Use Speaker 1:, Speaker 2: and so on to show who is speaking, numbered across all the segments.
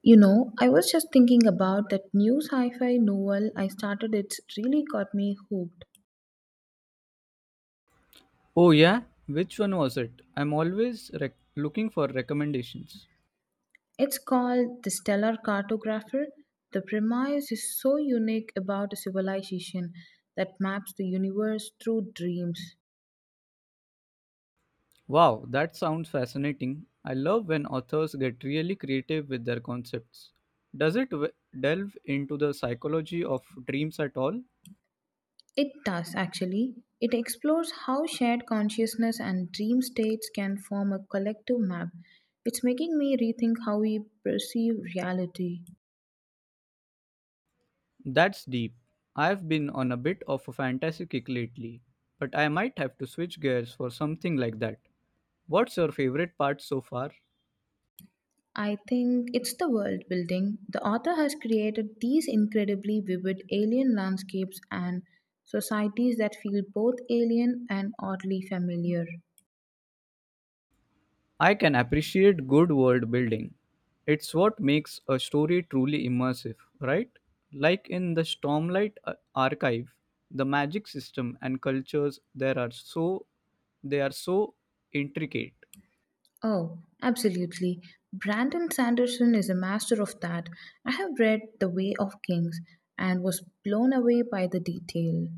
Speaker 1: You know, I was just thinking about that new sci fi novel I started. It's really got me hooked.
Speaker 2: Oh, yeah? Which one was it? I'm always looking for recommendations.
Speaker 1: It's called The Stellar Cartographer. The premise is so unique about a civilization that maps the universe through dreams.
Speaker 2: Wow, that sounds fascinating. I love when authors get really creative with their concepts. Does delve into the psychology of dreams at all?
Speaker 1: It does, actually. It explores how shared consciousness and dream states can form a collective map. It's making me rethink how we perceive reality.
Speaker 2: That's deep. I've been on a bit of a fantasy kick lately, but I might have to switch gears for something like that. What's your favorite part so far?
Speaker 1: I think it's the world building. The author has created these incredibly vivid alien landscapes and societies that feel both alien and oddly familiar.
Speaker 2: I can appreciate good world building. It's what makes a story truly immersive, right? Like in the Stormlight archive, the magic system and cultures there are so they are so intricate.
Speaker 1: Oh, absolutely. Brandon Sanderson is a master of that. I have read The Way of Kings and was blown away by the detail.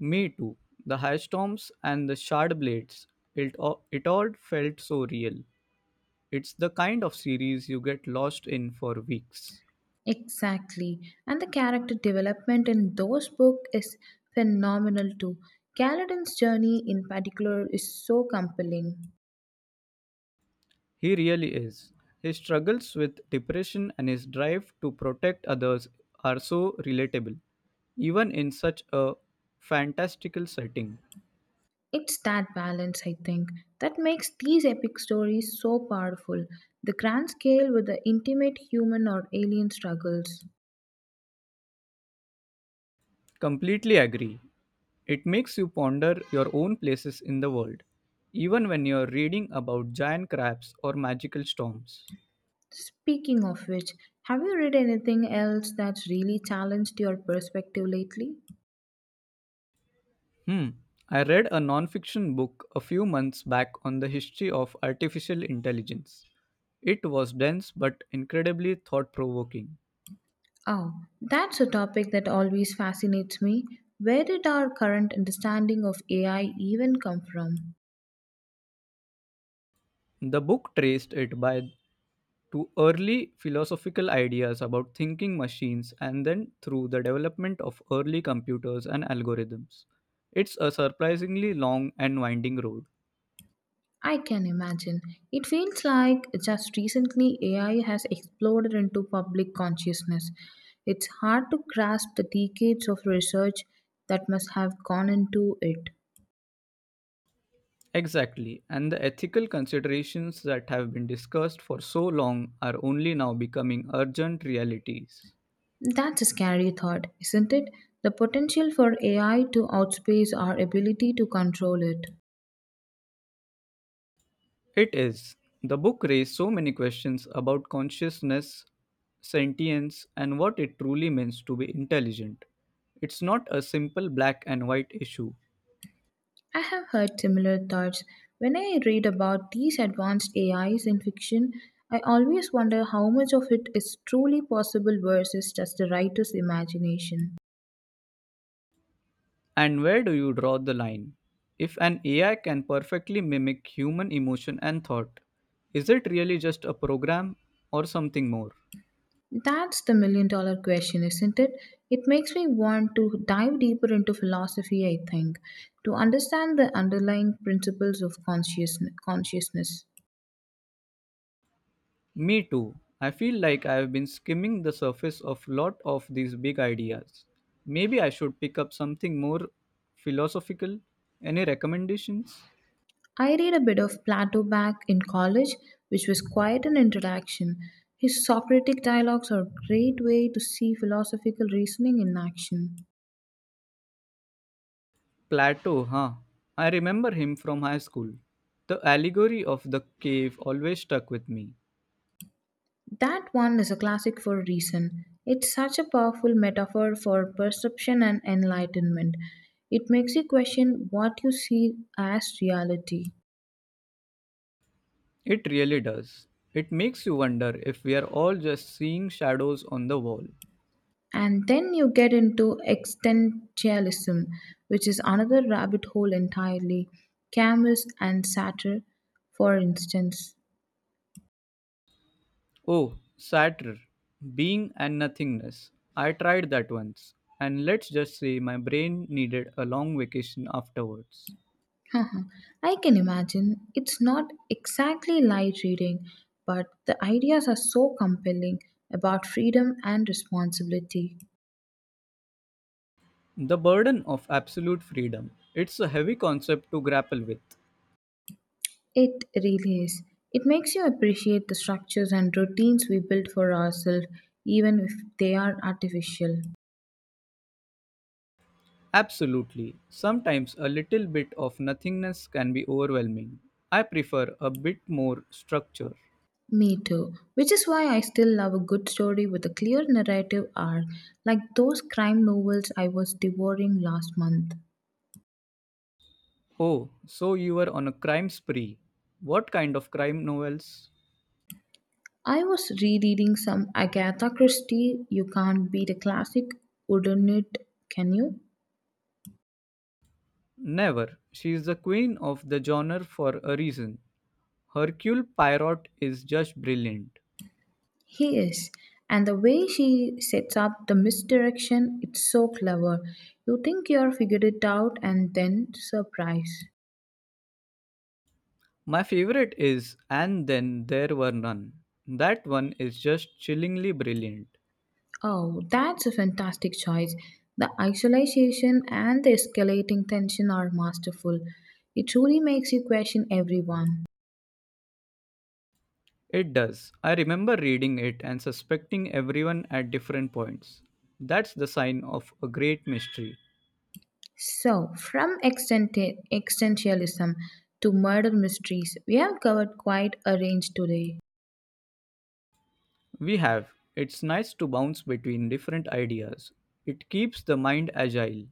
Speaker 2: Me too. The hailstorms and the shard blades. It all felt so real. It's the kind of series you get lost in for weeks.
Speaker 1: Exactly. And the character development in those books is phenomenal too. Kaladin's journey in particular is so compelling.
Speaker 2: He really is. His struggles with depression and his drive to protect others are so relatable, even in such a fantastical setting.
Speaker 1: It's that balance, I think, that makes these epic stories so powerful. The grand scale with the intimate human or alien struggles.
Speaker 2: Completely agree. It makes you ponder your own places in the world, even when you're reading about giant crabs or magical storms.
Speaker 1: Speaking of which, have you read anything else that's really challenged your perspective lately?
Speaker 2: Hmm. I read a non-fiction book a few months back on the history of artificial intelligence. It was dense but incredibly thought provoking.
Speaker 1: Oh, that's a topic that always fascinates me. Where did our current understanding of AI even come from?
Speaker 2: The book traced it by to early philosophical ideas about thinking machines and then through the development of early computers and algorithms. It's a surprisingly long and winding road.
Speaker 1: I can imagine. It feels like just recently AI has exploded into public consciousness. It's hard to grasp the decades of research that must have gone into it.
Speaker 2: Exactly, and the ethical considerations that have been discussed for so long are only now becoming urgent realities.
Speaker 1: That's a scary thought, isn't it? The potential for AI to outpace our ability to control it.
Speaker 2: It is. The book raised so many questions about consciousness, sentience, and what it truly means to be intelligent. It's not a simple black and white issue.
Speaker 1: I have heard similar thoughts. When I read about these advanced AIs in fiction, I always wonder how much of it is truly possible versus just the writer's imagination.
Speaker 2: And where do you draw the line? If an AI can perfectly mimic human emotion and thought, is it really just a program or something more?
Speaker 1: That's the million dollar question, isn't it? It makes me want to dive deeper into philosophy, I think, to understand the underlying principles of consciousness.
Speaker 2: Me too. I feel like I have been skimming the surface of lot of these big ideas. Maybe I should pick up something more philosophical. Any recommendations?
Speaker 1: I read a bit of Plato back in college, which was quite an introduction. His Socratic dialogues are a great way to see philosophical reasoning in action.
Speaker 2: Plato, huh? I remember him from high school. The allegory of the cave always stuck with me.
Speaker 1: That one is a classic for a reason. It's such a powerful metaphor for perception and enlightenment. It makes you question what you see as reality.
Speaker 2: It really does. It makes you wonder if we are all just seeing shadows on the wall.
Speaker 1: And then you get into existentialism, which is another rabbit hole entirely. Camus and Sartre, for instance.
Speaker 2: Oh, Satyr, being and nothingness. I tried that once, and let's just say my brain needed a long vacation afterwards.
Speaker 1: Haha, I can imagine it's not exactly light reading, but the ideas are so compelling about freedom and responsibility.
Speaker 2: The burden of absolute freedom. It's a heavy concept to grapple with.
Speaker 1: It really is. It makes you appreciate the structures and routines we build for ourselves, even if they are artificial.
Speaker 2: Absolutely. Sometimes a little bit of nothingness can be overwhelming. I prefer a bit more structure.
Speaker 1: Me too, which is why I still love a good story with a clear narrative arc, like those crime novels I was devouring last month.
Speaker 2: Oh, so you were on a crime spree. What kind of crime novels?
Speaker 1: I was rereading some Agatha Christie. You can't beat a classic, wouldn't it? Can you?
Speaker 2: Never. She is the queen of the genre for a reason. Hercule Poirot is just brilliant.
Speaker 1: He is. And the way she sets up the misdirection, it's so clever. You think you're figured it out and then surprise.
Speaker 2: My favorite is And Then There Were None. That one is just chillingly brilliant.
Speaker 1: Oh, that's a fantastic choice. The isolation and the escalating tension are masterful. It truly makes you question everyone.
Speaker 2: It does. I remember reading it and suspecting everyone at different points. That's the sign of a great mystery.
Speaker 1: So, from existentialism to murder mysteries, we have covered quite a range today.
Speaker 2: We have. It's nice to bounce between different ideas. It keeps the mind agile.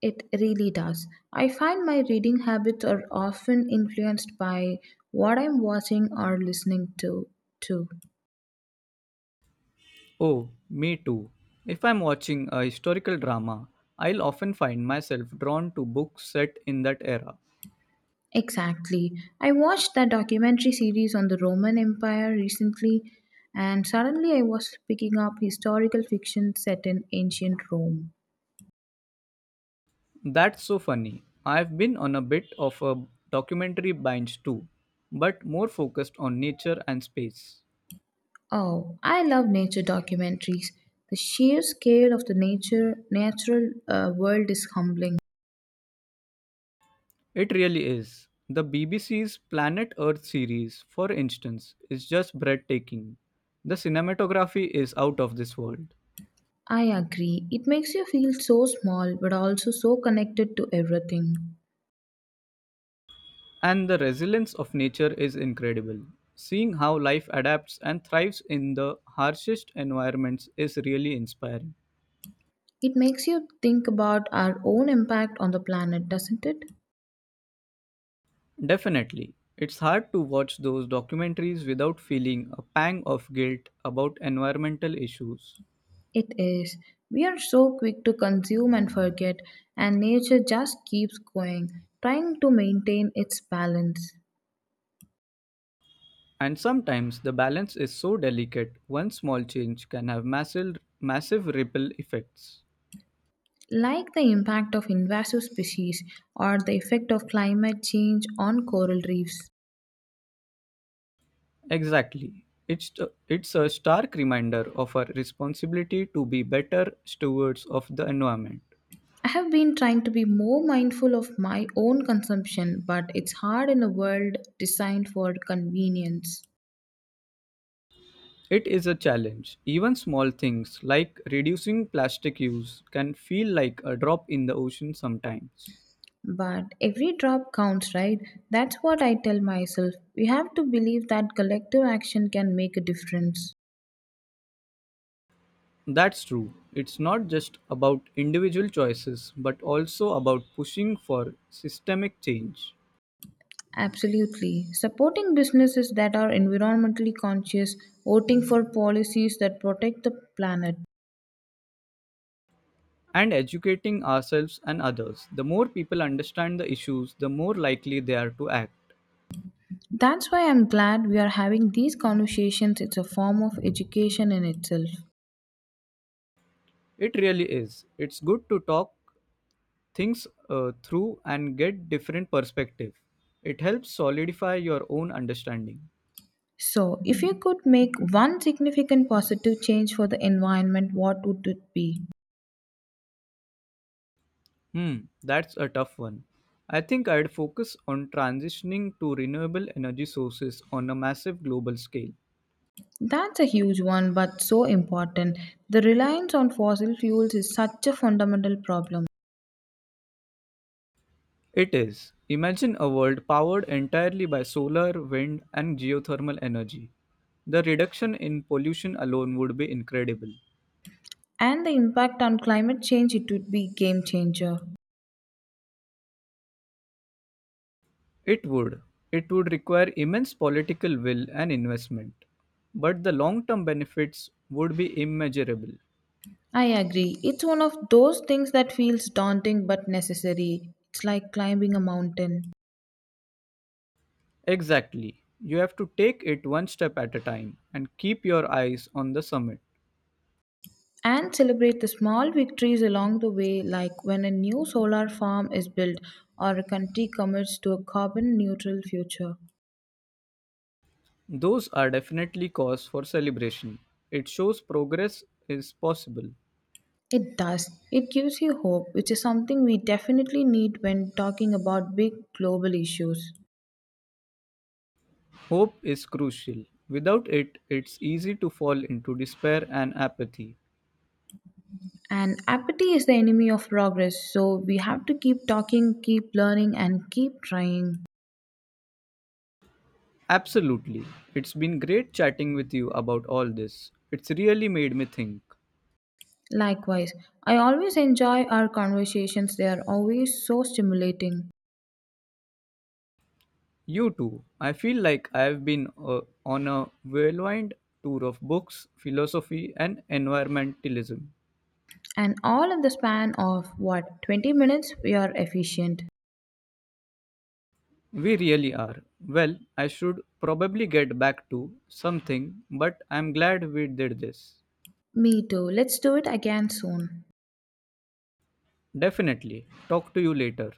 Speaker 1: It really does. I find my reading habits are often influenced by what I'm watching or listening to, too.
Speaker 2: Oh, me too. If I'm watching a historical drama, I'll often find myself drawn to books set in that era.
Speaker 1: Exactly. I watched that documentary series on the Roman Empire recently, and suddenly I was picking up historical fiction set in ancient Rome.
Speaker 2: That's so funny. I've been on a bit of a documentary binge too, but more focused on nature and space.
Speaker 1: Oh, I love nature documentaries. The sheer scale of the nature natural world is humbling.
Speaker 2: It really is. The BBC's Planet Earth series, for instance, is just breathtaking. The cinematography is out of this world.
Speaker 1: I agree. It makes you feel so small but also so connected to everything.
Speaker 2: And the resilience of nature is incredible. Seeing how life adapts and thrives in the harshest environments is really inspiring.
Speaker 1: It makes you think about our own impact on the planet, doesn't it?
Speaker 2: Definitely, it's hard to watch those documentaries without feeling a pang of guilt about environmental issues.
Speaker 1: It is. We are so quick to consume and forget, and nature just keeps going, trying to maintain its balance.
Speaker 2: And sometimes the balance is so delicate, one small change can have massive, massive ripple effects.
Speaker 1: Like the impact of invasive species or the effect of climate change on coral reefs.
Speaker 2: Exactly. It's a stark reminder of our responsibility to be better stewards of the environment.
Speaker 1: I have been trying to be more mindful of my own consumption, but it's hard in a world designed for convenience.
Speaker 2: It is a challenge. Even small things like reducing plastic use can feel like a drop in the ocean sometimes.
Speaker 1: But every drop counts, right? That's what I tell myself. We have to believe that collective action can make a difference.
Speaker 2: That's true. It's not just about individual choices, but also about pushing for systemic change
Speaker 1: Absolutely. Supporting businesses that are environmentally conscious, voting for policies that protect the planet.
Speaker 2: and educating ourselves and others. The more people understand the issues, the more likely they are to act.
Speaker 1: That's why I'm glad we are having these conversations. It's a form of education in itself.
Speaker 2: It really is. It's good to talk things through and get different perspective. It helps solidify your own understanding.
Speaker 1: So, if you could make one significant positive change for the environment, what would it be?
Speaker 2: Hmm, that's a tough one. I think I'd focus on transitioning to renewable energy sources on a massive global scale.
Speaker 1: That's a huge one, but so important. The reliance on fossil fuels is such a fundamental problem,
Speaker 2: It is. Imagine a world powered entirely by solar, wind, and geothermal energy. The reduction in pollution alone would be incredible.
Speaker 1: and the impact on climate change it would be game changer.
Speaker 2: It would. It would require immense political will and investment. But the long term benefits would be immeasurable.
Speaker 1: I agree. It's one of those things that feels daunting but necessary. It's like climbing a mountain.
Speaker 2: Exactly. You have to take it one step at a time and keep your eyes on the summit.
Speaker 1: And celebrate the small victories along the way, like when a new solar farm is built or a country commits to a carbon neutral future.
Speaker 2: Those are definitely cause for celebration. It shows progress is possible.
Speaker 1: It does. It gives you hope, which is something we definitely need when talking about big global issues.
Speaker 2: Hope is crucial. Without it, it's easy to fall into despair and apathy.
Speaker 1: And apathy is the enemy of progress, so we have to keep talking, keep learning, and keep trying.
Speaker 2: Absolutely. It's been great chatting with you about all this. It's really made me think.
Speaker 1: Likewise, I always enjoy our conversations, they are always so stimulating.
Speaker 2: You too. I feel like I've been on a whirlwind tour of books, philosophy, and environmentalism.
Speaker 1: And all in the span of what, 20 minutes? We are efficient.
Speaker 2: We really are. Well, I should probably get back to something, but I'm glad we did this.
Speaker 1: Me too. Let's do it again soon.
Speaker 2: Definitely. Talk to you later.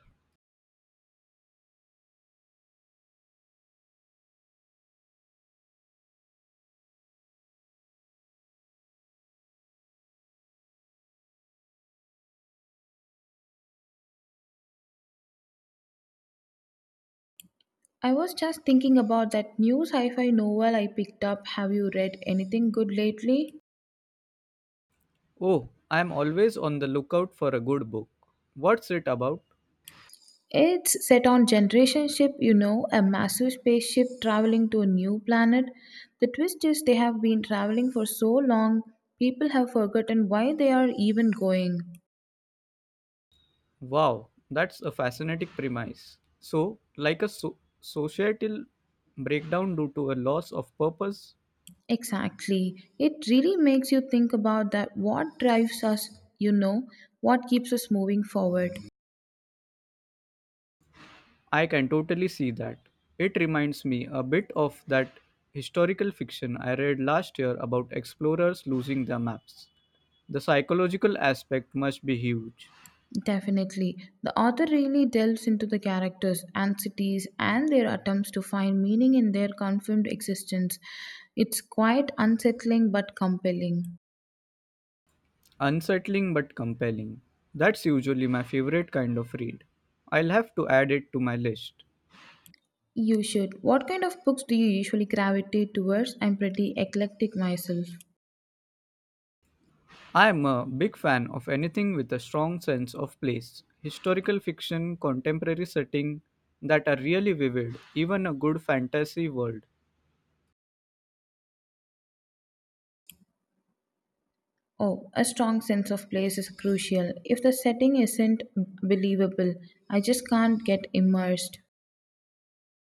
Speaker 1: I was just thinking about that new sci fi novel I picked up. Have you read anything good lately?
Speaker 2: Oh, I'm always on the lookout for a good book. What's it about?
Speaker 1: It's set on Generation Ship, you know, a massive spaceship traveling to a new planet. The twist is they have been traveling for so long, people have forgotten why they are even going.
Speaker 2: Wow, that's a fascinating premise. So, like a societal breakdown due to a loss of purpose.
Speaker 1: Exactly. It really makes you think about that what drives us, you know, what keeps us moving forward.
Speaker 2: I can totally see that. It reminds me a bit of that historical fiction I read last year about explorers losing their maps. The psychological aspect must be huge,
Speaker 1: Definitely. The author really delves into the characters and cities and their attempts to find meaning in their confirmed existence. It's quite unsettling but compelling.
Speaker 2: unsettling but compelling. That's usually my favorite kind of read. I'll have to add it to my list.
Speaker 1: You should. What kind of books do you usually gravitate towards? I'm pretty eclectic myself.
Speaker 2: I'm a big fan of anything with a strong sense of place, historical fiction, contemporary setting that are really vivid, even a good fantasy world.
Speaker 1: Oh, a strong sense of place is crucial. If the setting isn't believable, I just can't get immersed.